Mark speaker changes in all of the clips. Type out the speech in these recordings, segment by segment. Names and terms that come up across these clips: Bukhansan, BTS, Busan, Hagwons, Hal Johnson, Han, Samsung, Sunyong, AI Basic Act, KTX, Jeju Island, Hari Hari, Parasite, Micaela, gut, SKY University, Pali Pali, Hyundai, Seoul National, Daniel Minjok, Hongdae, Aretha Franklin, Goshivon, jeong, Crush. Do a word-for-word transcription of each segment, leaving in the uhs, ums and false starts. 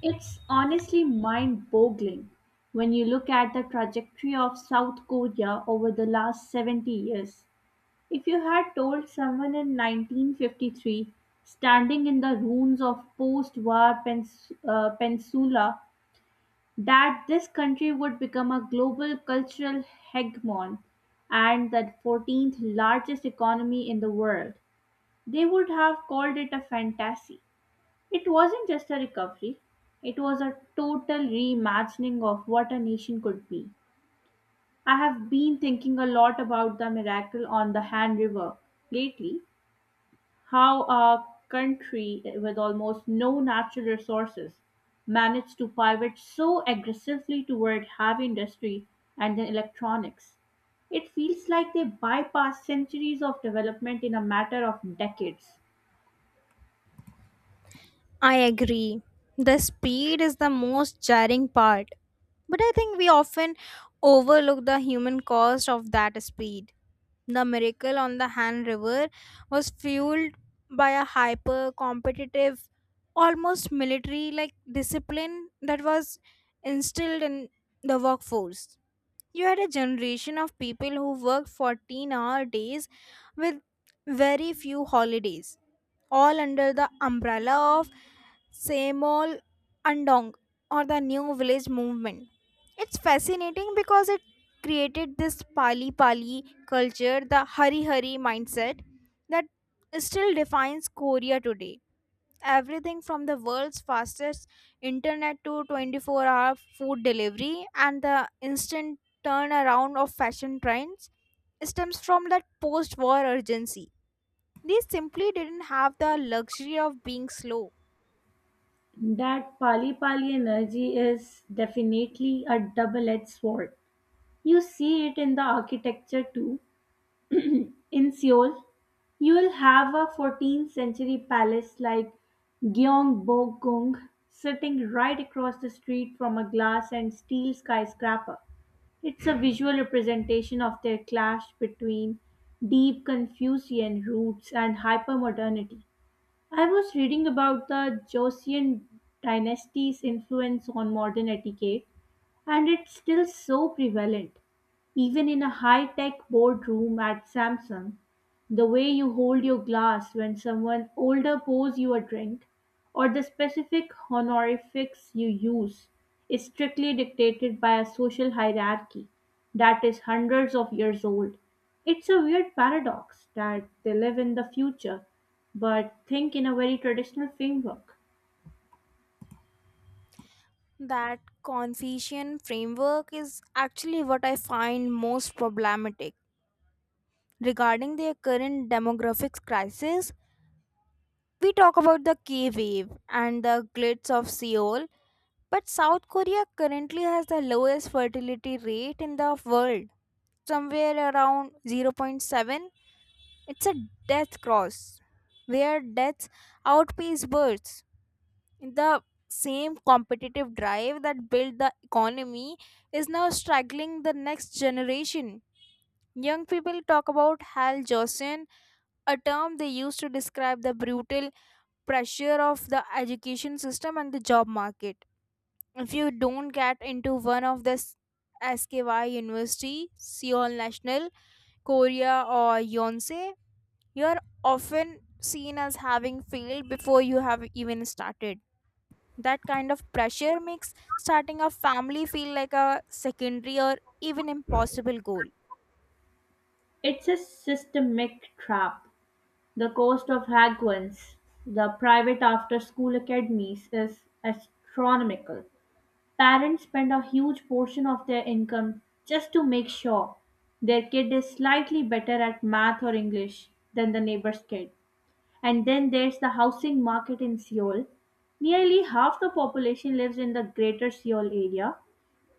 Speaker 1: It's honestly mind boggling when you look at the trajectory of South Korea over the last seventy years. If you had told someone in nineteen fifty-three, standing in the ruins of post war Pens- uh, Peninsula, that this country would become a global cultural hegemon and the fourteenth largest economy in the world, they would have called it a fantasy. It wasn't just a recovery, it was a total reimagining of what a nation could be. I have been thinking a lot about the miracle on the Han River lately, how a country with almost no natural resources managed to pivot so aggressively toward heavy industry and then electronics. It feels like they bypassed centuries of development in a matter of decades.
Speaker 2: I agree. The speed is the most jarring part. But I think we often overlook the human cost of that speed. The miracle on the Han River was fueled by a hyper competitive, almost military like discipline that was instilled in the workforce. You had a generation of people who worked fourteen hour days with very few holidays all under the umbrella of Samol Andong or the New Village Movement. It's fascinating because it created this Pali Pali culture, the Hari Hari mindset that still defines Korea today. Everything from the world's fastest internet to twenty-four hour food delivery and the instant turnaround of fashion trends stems from that post war urgency. They simply didn't have the luxury of being slow.
Speaker 1: That Pali Pali energy is definitely a double edged sword. You see it in the architecture too. In Seoul, you will have a fourteenth century palace like Gyeongbokgung sitting right across the street from a glass and steel skyscraper. It's a visual representation of their clash between deep Confucian roots and hypermodernity. I was reading about the Joseon dynasty's influence on modern etiquette, and it's still so prevalent. Even in a high tech boardroom at Samsung, the way you hold your glass when someone older pours you a drink, or the specific honorifics you use, is strictly dictated by a social hierarchy that is hundreds of years old. It's a weird paradox that they live in the future but think in a very traditional framework.
Speaker 2: That Confucian framework is actually what I find most problematic. Regarding their current demographics crisis, we talk about the K wave and the glitz of Seoul, but South Korea currently has the lowest fertility rate in the world, somewhere around zero point zero point seven. It's a death cross where deaths outpace births. The same competitive drive that built the economy is now struggling the next generation. Young people talk about Hal Johnson, a term they use to describe the brutal pressure of the education system and the job market. If you don't get into one of the SKY University, Seoul National, Korea, or Yonsei, you are often seen as having failed before you have even started. That kind of pressure makes starting a family feel like a secondary or even impossible goal.
Speaker 1: It's a systemic trap. The cost of Hagwons, the private after-school academies, is astronomical. Parents spend a huge portion of their income just to make sure their kid is slightly better at math or English than the neighbor's kid. And then there's the housing market in Seoul. Nearly half the population lives in the greater Seoul area.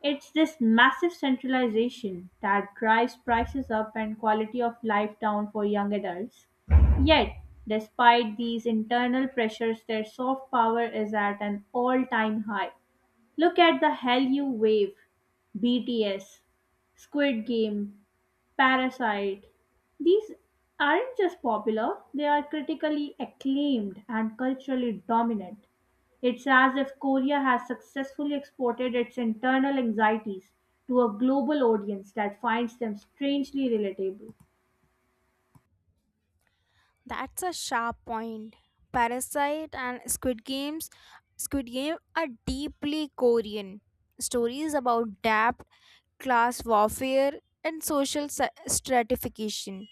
Speaker 1: It's this massive centralization that drives prices up and quality of life down for young adults. Yet, despite these internal pressures, their soft power is at an all time high. Look at the Hell You Wave, B T S, Squid Game, Parasite. These aren't just popular, they are critically acclaimed and culturally dominant. It's as if Korea has successfully exported its internal anxieties to a global audience that finds them strangely relatable.
Speaker 2: That's a sharp point. Parasite and Squid Games, Squid Game are deeply Korean. Stories about debt, class warfare, and social sa- stratification.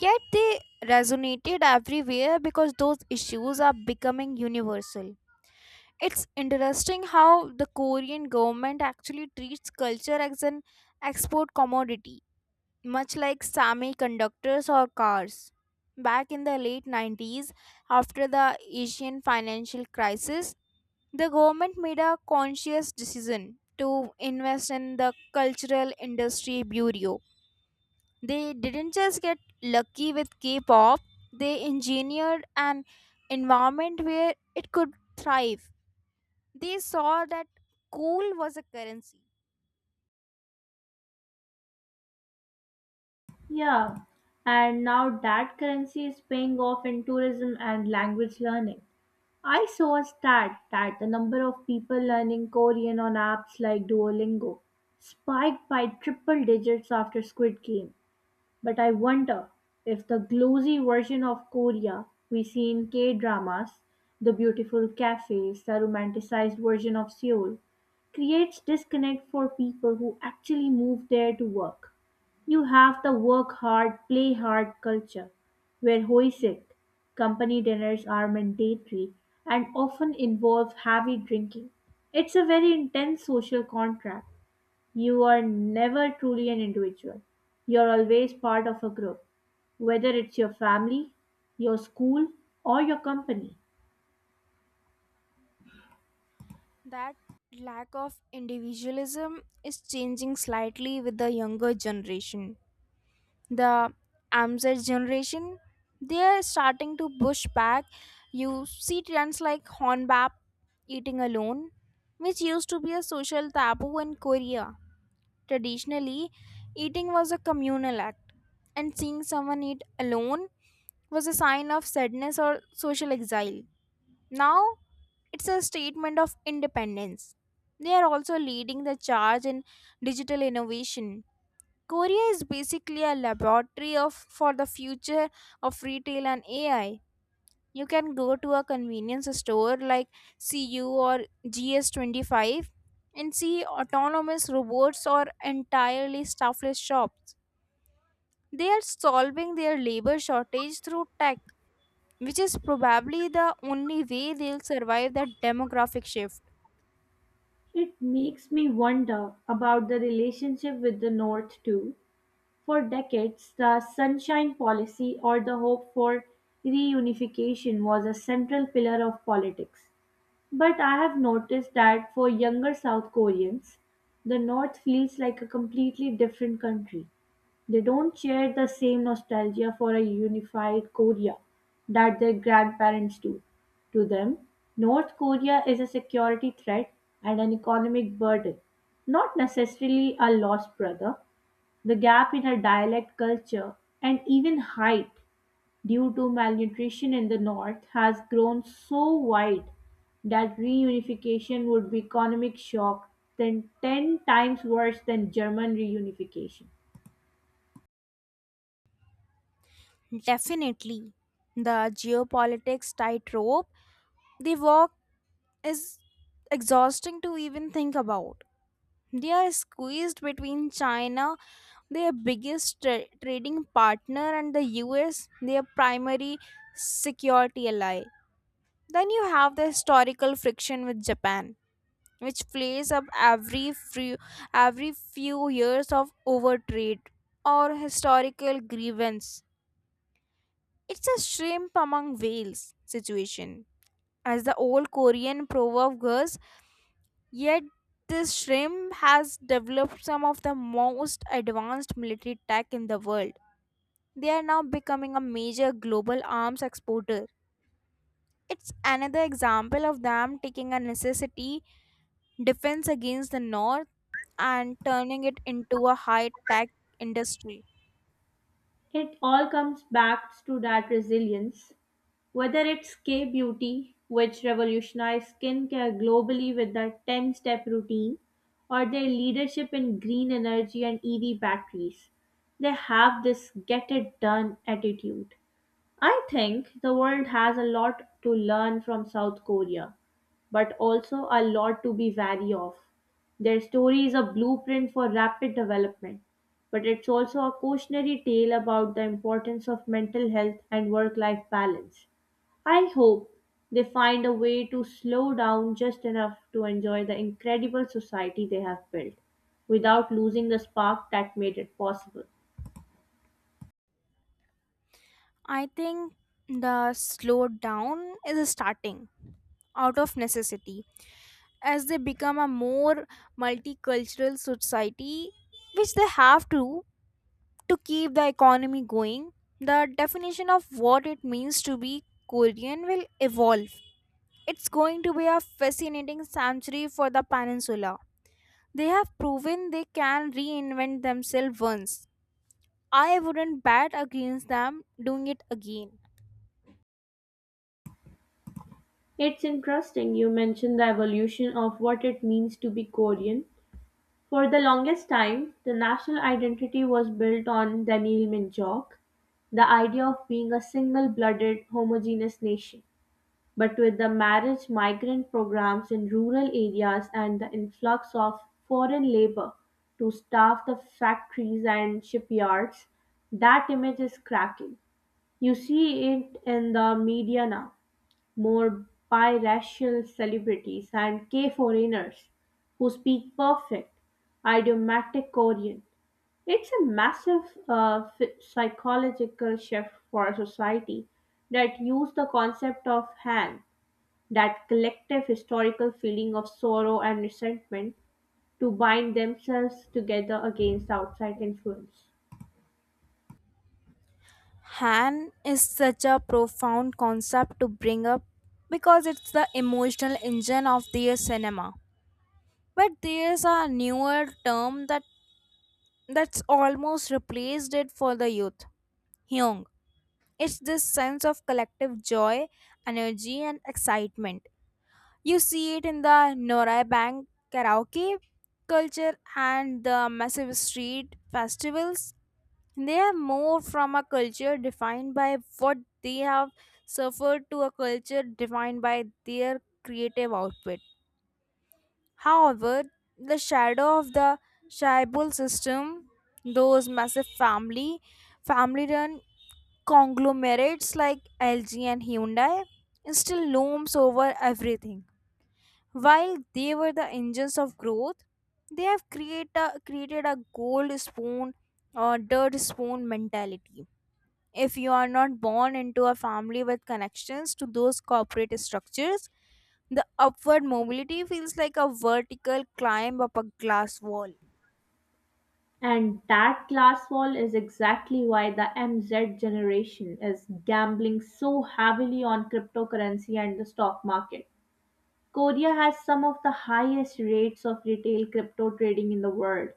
Speaker 2: Yet they resonated everywhere because those issues are becoming universal. It's interesting how the Korean government actually treats culture as an export commodity, much like semiconductors or cars. Back in the late nineties, after the Asian financial crisis, the government made a conscious decision to invest in the Cultural Industry Bureau. They didn't just get lucky with K pop, they engineered an environment where it could thrive. They saw that coal was a currency.
Speaker 1: Yeah, and now that currency is paying off in tourism and language learning. I saw a stat that the number of people learning Korean on apps like Duolingo spiked by triple digits after Squid Game. But I wonder if the glossy version of Korea we see in K dramas, the beautiful cafes, the romanticized version of Seoul, creates disconnect for people who actually move there to work. You have the work hard, play hard culture, where hoisik, company dinners are mandatory and often involve heavy drinking. It's a very intense social contract. You are never truly an individual. You're always part of a group, whether it's your family, your school, or your company.
Speaker 2: That lack of individualism is changing slightly with the younger generation. The Amzer generation, they are starting to push back. You see trends like Hornbap eating alone, which used to be a social taboo in Korea. Traditionally, eating was a communal act, and seeing someone eat alone was a sign of sadness or social exile. Now, it's a statement of independence. They are also leading the charge in digital innovation. Korea is basically a laboratory of for the future of retail and A I. You can go to a convenience store like C U or G S twenty-five and see autonomous robots or entirely staffless shops. They are solving their labor shortage through tech, which is probably the only way they'll survive that demographic shift.
Speaker 1: It makes me wonder about the relationship with the North too. For decades, the Sunshine Policy or the hope for reunification was a central pillar of politics. But I have noticed that for younger South Koreans, the North feels like a completely different country. They don't share the same nostalgia for a unified Korea that their grandparents do. To them, North Korea is a security threat and an economic burden, not necessarily a lost brother. The gap in our dialect culture and even height due to malnutrition in the north has grown so wide that reunification would be economic shock than ten times worse than German reunification.
Speaker 2: Definitely. The geopolitics tightrope they walk is exhausting to even think about. They are squeezed between China, their biggest tra- trading partner, and the U S, their primary security ally. Then you have the historical friction with Japan, which plays up every few, every few years of overtrade or historical grievance. It's a shrimp among whales situation as the old Korean proverb goes, yet this shrimp has developed some of the most advanced military tech in the world. They are now becoming a major global arms exporter. It's another example of them taking a necessity defense against the North and turning it into a high tech industry.
Speaker 1: It all comes back to that resilience. Whether it's K Beauty, which revolutionized skincare globally with their ten step routine, or their leadership in green energy and E V batteries, they have this get it done attitude. I think the world has a lot to learn from South Korea but also a lot to be wary of. Their story is a blueprint for rapid development, but it's also a cautionary tale about the importance of mental health and work life balance. I hope they find a way to slow down just enough to enjoy the incredible society they have built without losing the spark that made it possible.
Speaker 2: I think the slowdown is starting out of necessity as they become a more multicultural society which they have to to keep the economy going. The definition of what it means to be korean will evolve. It's going to be a fascinating century for the peninsula. They have proven they can reinvent themselves once. I wouldn't bet against them doing it again.
Speaker 1: It's interesting you mention the evolution of what it means to be Korean. For the longest time, the national identity was built on Daniel Minjok, the idea of being a single blooded, homogeneous nation. But with the marriage migrant programs in rural areas and the influx of foreign labor to staff the factories and shipyards, that image is cracking. You see it in the media now, more biracial celebrities and K foreigners who speak perfect, idiomatic Korean. It's a massive uh, ph- psychological shift for a society that used the concept of Han, that collective historical feeling of sorrow and resentment, to bind themselves together against outside influence.
Speaker 2: Han is such a profound concept to bring up because it's the emotional engine of their cinema. But there's a newer term that that's almost replaced it for the youth. Hyung. It's this sense of collective joy, energy and excitement. You see it in the Norai Bank karaoke culture and the massive street festivals. They are more from a culture defined by what they have suffered to a culture defined by their creative output. However, the shadow of the tribal system, those massive family, family-run conglomerates like L G and Hyundai, still looms over everything. While they were the engines of growth, they have create a, created a gold spoon or dirt spoon mentality if you are not born into a family with connections to those corporate structures. The upward mobility feels like a vertical climb up a glass wall.
Speaker 1: And that glass wall is exactly why the M Z generation is gambling so heavily on cryptocurrency and the stock market. Korea has some of the highest rates of retail crypto trading in the world.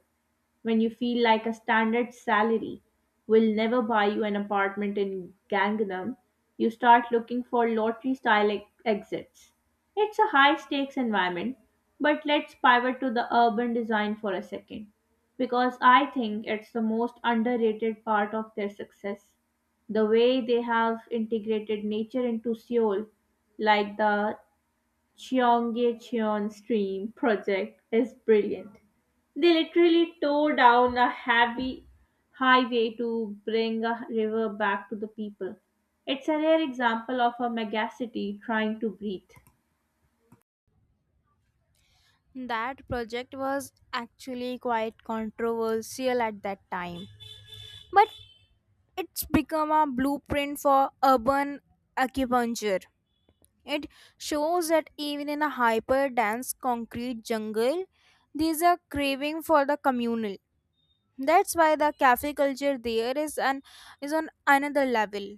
Speaker 1: When you feel like a standard salary will never buy you an apartment in Gangnam, you start looking for lottery style ex- exits. It's a high stakes environment, but let's pivot to the urban design for a second because I think it's the most underrated part of their success. The way they have integrated nature into Seoul, like the Cheongye Cheon Stream project, is brilliant. They literally tore down a heavy highway to bring a river back to the people. It's a rare example of a megacity trying to breathe.
Speaker 2: That project was actually quite controversial at that time, but it's become a blueprint for urban acupuncture. It shows that even in a hyper dense concrete jungle there's a craving for the communal. That's why the cafe culture there is an is on another level.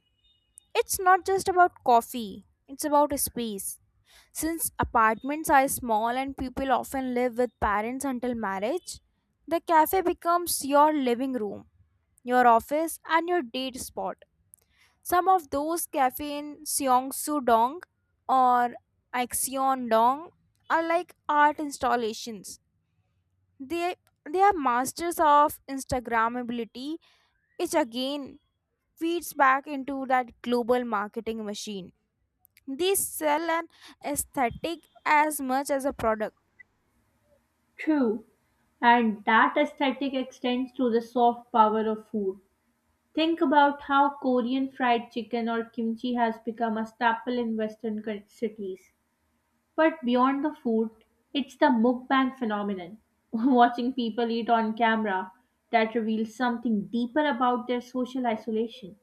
Speaker 2: It's not just about coffee, it's about space. Since apartments are small and people often live with parents until marriage, the cafe becomes your living room, your office and your date spot. Some of those cafes, in Seongsu Dong or Axion Dong are like art installations. They they are masters of Instagrammability. It again feeds back into that global marketing machine. They sell an aesthetic as much as a product.
Speaker 1: True, and that aesthetic extends to the soft power of food. Think about how Korean fried chicken or kimchi has become a staple in Western cul- cities. But beyond the food, it's the mukbang phenomenon. Watching people eat on camera, that reveals something deeper about their social isolation.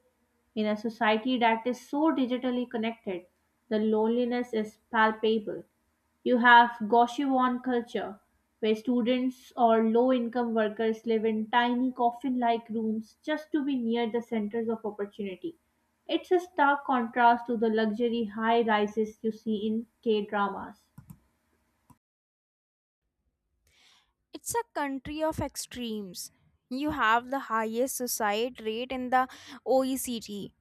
Speaker 1: In a society that is so digitally connected, the loneliness is palpable. You have Goshivon culture, where students or low income workers live in tiny coffin like rooms just to be near the centers of opportunity. It's a stark contrast to the luxury high rises you see in K dramas.
Speaker 2: It's a country of extremes. You have the highest suicide rate in the O E C D,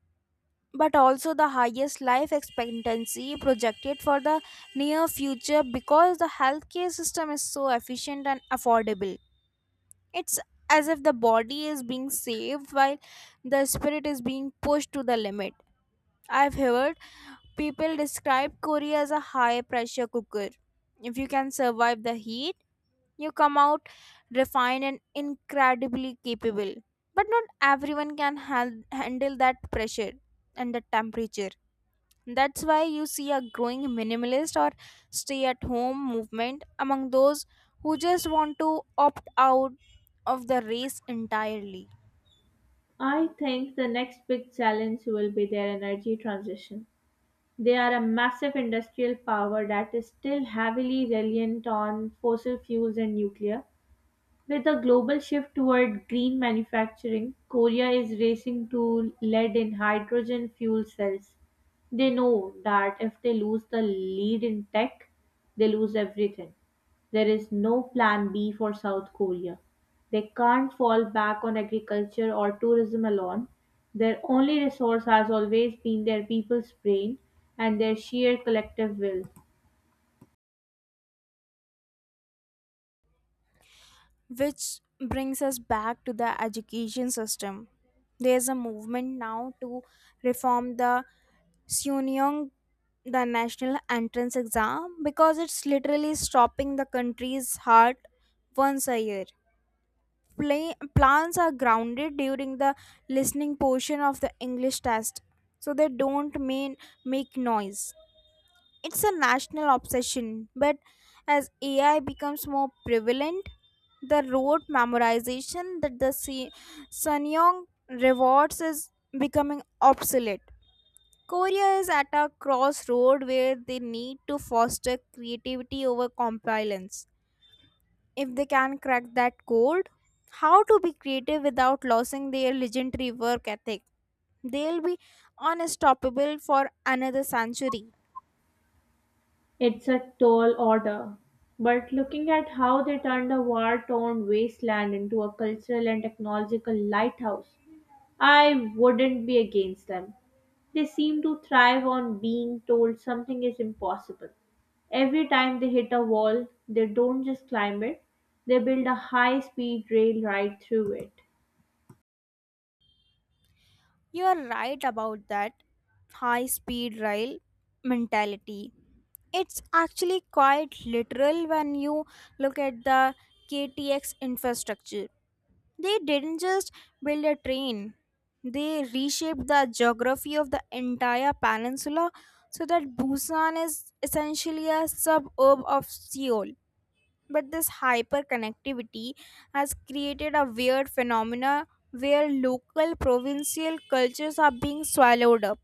Speaker 2: but also the highest life expectancy projected for the near future because the healthcare system is so efficient and affordable. It's as if the body is being saved while the spirit is being pushed to the limit. I've heard people describe Korea as a high pressure cooker. If you can survive the heat, you come out refined and incredibly capable. But not everyone can han- handle that pressure and the temperature. That's why you see a growing minimalist or stay at home movement among those who just want to opt out of the race entirely.
Speaker 1: I think the next big challenge will be their energy transition. They are a massive industrial power that is still heavily reliant on fossil fuels and nuclear. With a global shift toward green manufacturing, Korea is racing to lead in hydrogen fuel cells. They know that if they lose the lead in tech, they lose everything. There is no plan B for South Korea. They can't fall back on agriculture or tourism alone. Their only resource has always been their people's brain and their sheer collective will.
Speaker 2: Which brings us back to the education system. There's a movement now to reform the Sunyong, the national entrance exam, because it's literally stopping the country's heart once a year. Play, plans are grounded during the listening portion of the English test, so they don't mean make noise. It's a national obsession, but as A I becomes more prevalent, the rote memorization that the Se- Sanyong rewards is becoming obsolete. Korea is at a crossroad where they need to foster creativity over compliance. If they can crack that code, how to be creative without losing their legendary work ethic, they'll be unstoppable for another century.
Speaker 1: It's a tall order, but looking at how they turned a war torn wasteland into a cultural and technological lighthouse, I wouldn't be against them. They seem to thrive on being told something is impossible. Every time they hit a wall, they don't just climb it, they build a high speed rail right through it.
Speaker 2: You are right about that high speed rail mentality. It's actually quite literal when you look at the K T X infrastructure. They didn't just build a train, they reshaped the geography of the entire peninsula so that Busan is essentially a suburb of Seoul. But this hyperconnectivity has created a weird phenomena where local provincial cultures are being swallowed up.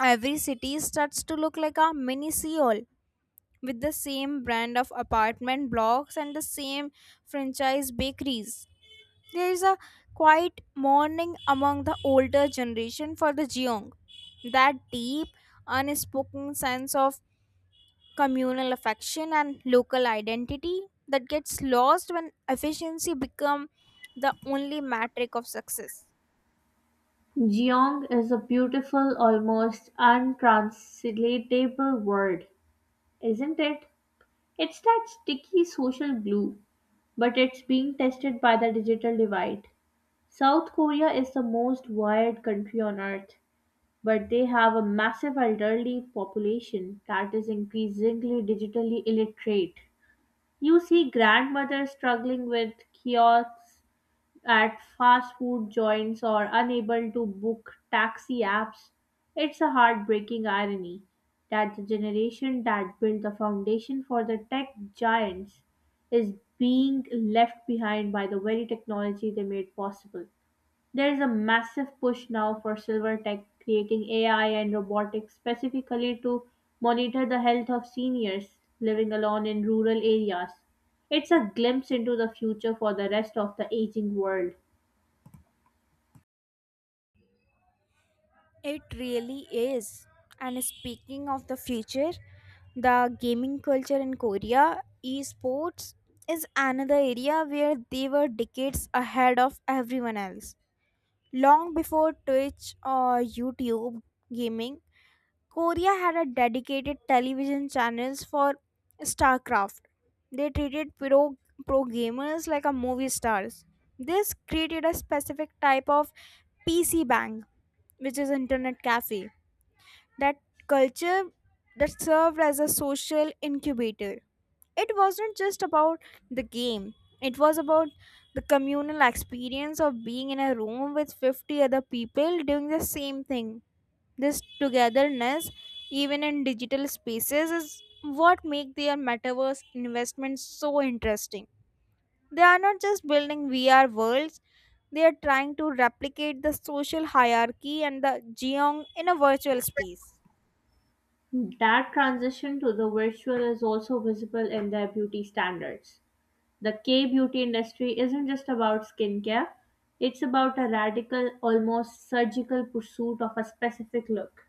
Speaker 2: Every city starts to look like a mini Seoul with the same brand of apartment blocks and the same franchise bakeries. There is a quiet mourning among the older generation for the jeong, that deep unspoken sense of communal affection and local identity that gets lost when efficiency become the only metric of success.
Speaker 1: Geong is a beautiful, almost untranslatable word, isn't it? It's that sticky social glue, but it's being tested by the digital divide. South Korea is the most wired country on earth, but they have a massive elderly population that is increasingly digitally illiterate. You see grandmothers struggling with kiosks at fast food joints or unable to book taxi apps. It's a heartbreaking irony that the generation that built the foundation for the tech giants is being left behind by the very technology they made possible. There is a massive push now for silver tech, creating A I and robotics specifically to monitor the health of seniors living alone in rural areas. It's a glimpse into the future for the rest of the aging world.
Speaker 2: It really is. And speaking of the future, the gaming culture in korea, esports, is another area where they were decades ahead of everyone else. Long before twitch or youtube gaming, Korea had a dedicated television channels for StarCraft. They treated pro, pro gamers like a movie stars. This created a specific type of P C bang, which is internet cafe. That culture that served as a social incubator. It wasn't just about the game. It was about the communal experience of being in a room with fifty other people doing the same thing. This togetherness, even in digital spaces, is what make their metaverse investments so interesting. They are not just building V R worlds, they are trying to replicate the social hierarchy and the geong in a virtual space.
Speaker 1: That transition to the virtual is also visible in their beauty standards. The K beauty industry isn't just about skincare, it's about a radical, almost surgical pursuit of a specific look.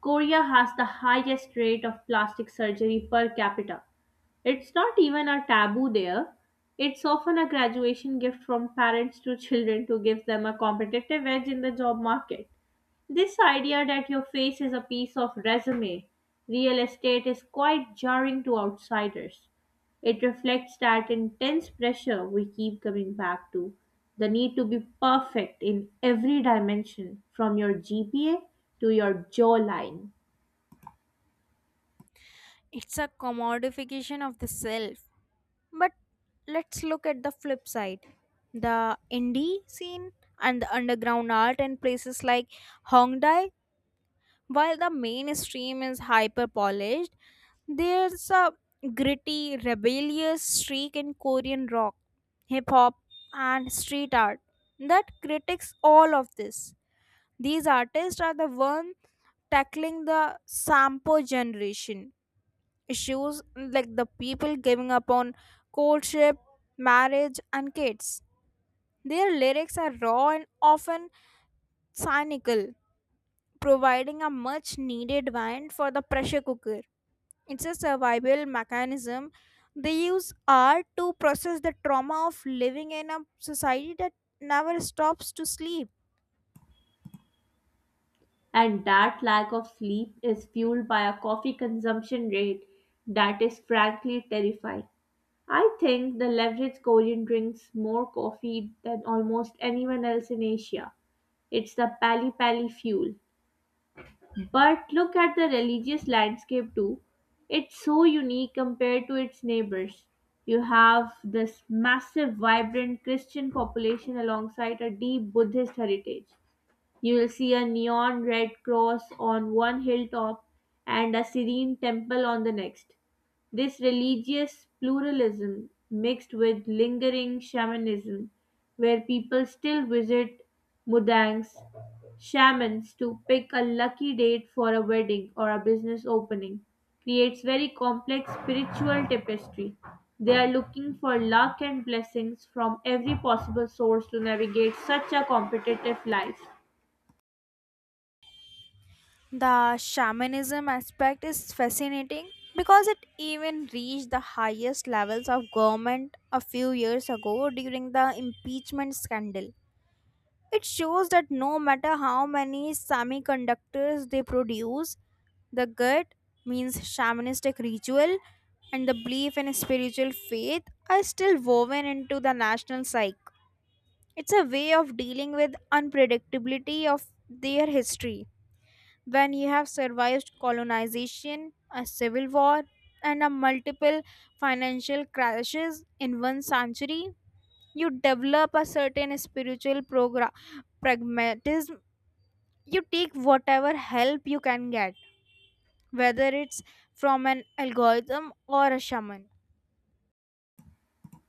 Speaker 1: Korea has the highest rate of plastic surgery per capita. It's not even a taboo there. It's often a graduation gift from parents to children to give them a competitive edge in the job market. This idea that your face is a piece of resume, real estate is quite jarring to outsiders. It reflects that intense pressure we keep coming back to, the need to be perfect in every dimension, from your G P A to your jawline.
Speaker 2: It's a commodification of the self. But let's look at the flip side. The indie scene and the underground art in places like Hongdae. While the mainstream is hyper polished, there's a gritty, rebellious streak in Korean rock, hip hop, and street art that critiques all of this. These artists are the ones tackling the Sampo generation issues like the people giving up on courtship, marriage, and kids. Their lyrics are raw and often cynical, providing a much needed vent for the pressure cooker. It's a survival mechanism. They use art to process the trauma of living in a society that never stops to sleep.
Speaker 1: And that lack of sleep is fueled by a coffee consumption rate that is frankly terrifying. I think the leverage Korean drinks more coffee than almost anyone else in Asia. It's the pali pali fuel. But look at the religious landscape too. It's so unique compared to its neighbors. You have this massive, vibrant Christian population alongside a deep Buddhist heritage. You will see a neon red cross on one hilltop and a serene temple on the next. This religious pluralism mixed with lingering shamanism, where people still visit mudangs, shamans to pick a lucky date for a wedding or a business opening, creates very complex spiritual tapestry. They are looking for luck and blessings from every possible source to navigate such a competitive life.
Speaker 2: The shamanism aspect is fascinating because it even reached the highest levels of government a few years ago during the impeachment scandal. It shows that no matter how many semiconductors they produce, the gut means shamanistic ritual and the belief in spiritual faith are still woven into the national psyche. It's a way of dealing with unpredictability of their history. When you have survived colonization, a civil war, and a multiple financial crashes in one century, you develop a certain spiritual progra- pragmatism. You take whatever help you can get, whether it's from an algorithm or a shaman.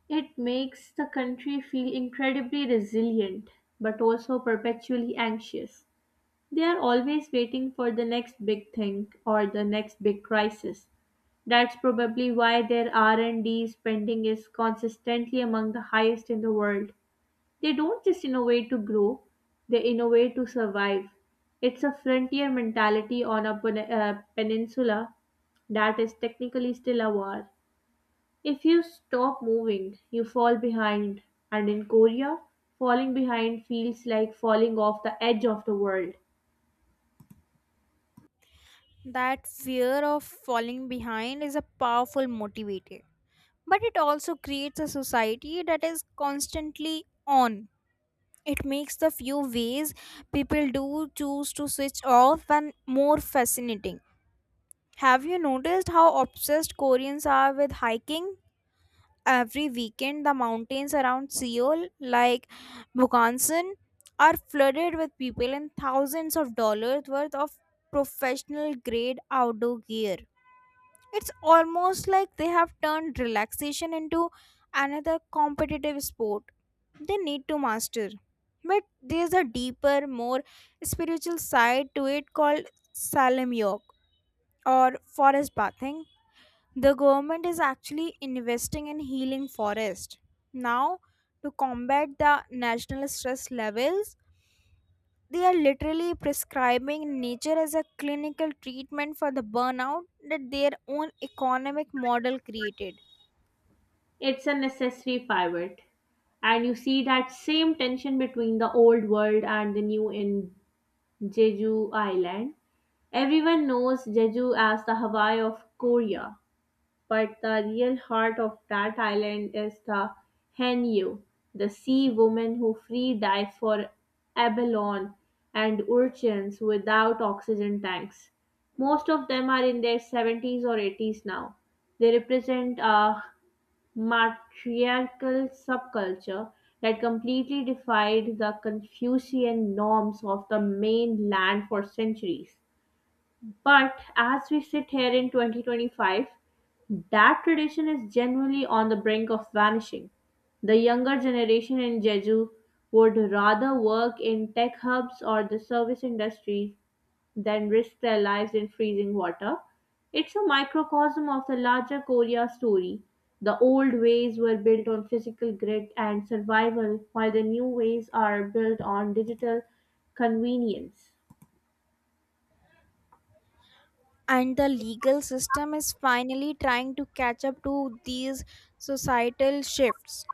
Speaker 1: It makes the country feel incredibly resilient, but also perpetually anxious. They are always waiting for the next big thing or the next big crisis. That's probably why their R and D spending is consistently among the highest in the world. They don't just innovate to grow, they innovate to survive. It's a frontier mentality on a pen- uh, peninsula that is technically still a war. If you stop moving, you fall behind, and in Korea, falling behind feels like falling off the edge of the world.
Speaker 2: That fear of falling behind is a powerful motivator, but it also creates a society that is constantly on. It makes the few ways people do choose to switch off and more fascinating. Have you noticed how obsessed Koreans are with hiking? Every weekend, the mountains around Seoul, like Bukhansan, are flooded with people in thousands of dollars worth of professional grade outdoor gear. It's almost like they have turned relaxation into another competitive sport they need to master. But there's a deeper, more spiritual side to it called Salam Yog or forest bathing. The government is actually investing in healing forest. Now, to combat the national stress levels, they are literally prescribing nature as a clinical treatment for the burnout that their own economic model created.
Speaker 1: It's a necessary pivot. And you see that same tension between the old world and the new in Jeju Island. Everyone knows Jeju as the Hawaii of Korea, but the real heart of that island is the Hanyu, the sea women who free dive for abalone and urchins without oxygen tanks. Most of them are in their seventies or eighties now. They represent a matriarchal subculture that completely defied the Confucian norms of the mainland for centuries. But as we sit here in twenty twenty-five, that tradition is generally on the brink of vanishing. The younger generation in Jeju would rather work in tech hubs or the service industry than risk their lives in freezing water. It's a microcosm of the larger Korea story. The old ways were built on physical grit and survival, while the new ways are built on digital convenience.
Speaker 2: And the legal system is finally trying to catch up to these societal shifts.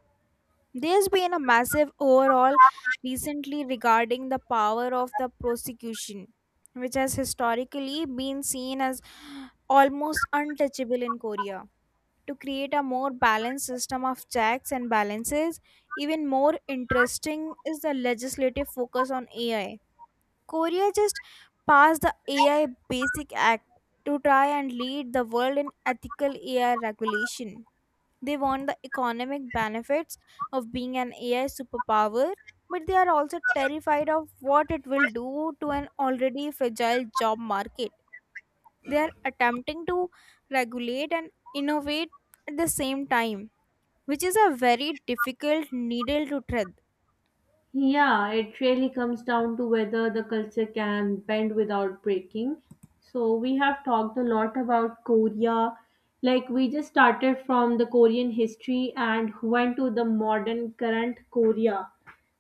Speaker 2: There's been a massive overhaul recently regarding the power of the prosecution, which has historically been seen as almost untouchable in Korea. To create a more balanced system of checks and balances, even more interesting is the legislative focus on A I. Korea just passed the A I Basic Act to try and lead the world in ethical A I regulation. They want the economic benefits of being an A I superpower, but they are also terrified of what it will do to an already fragile job market. They are attempting to regulate and innovate at the same time, which is a very difficult needle to thread.
Speaker 1: Yeah, it really comes down to whether the culture can bend without breaking. So, we have talked a lot about Korea. Like, we just started from the Korean history and went to the modern current Korea.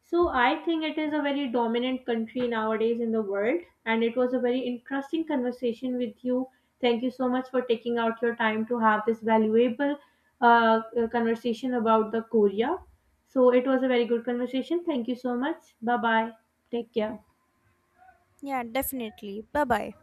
Speaker 1: So, I think it is a very dominant country nowadays in the world. And it was a very interesting conversation with you. Thank you so much for taking out your time to have this valuable uh, uh, conversation about the Korea. So it was a very good conversation. Thank you so much. Bye bye. Take care.
Speaker 2: Yeah, definitely. Bye bye.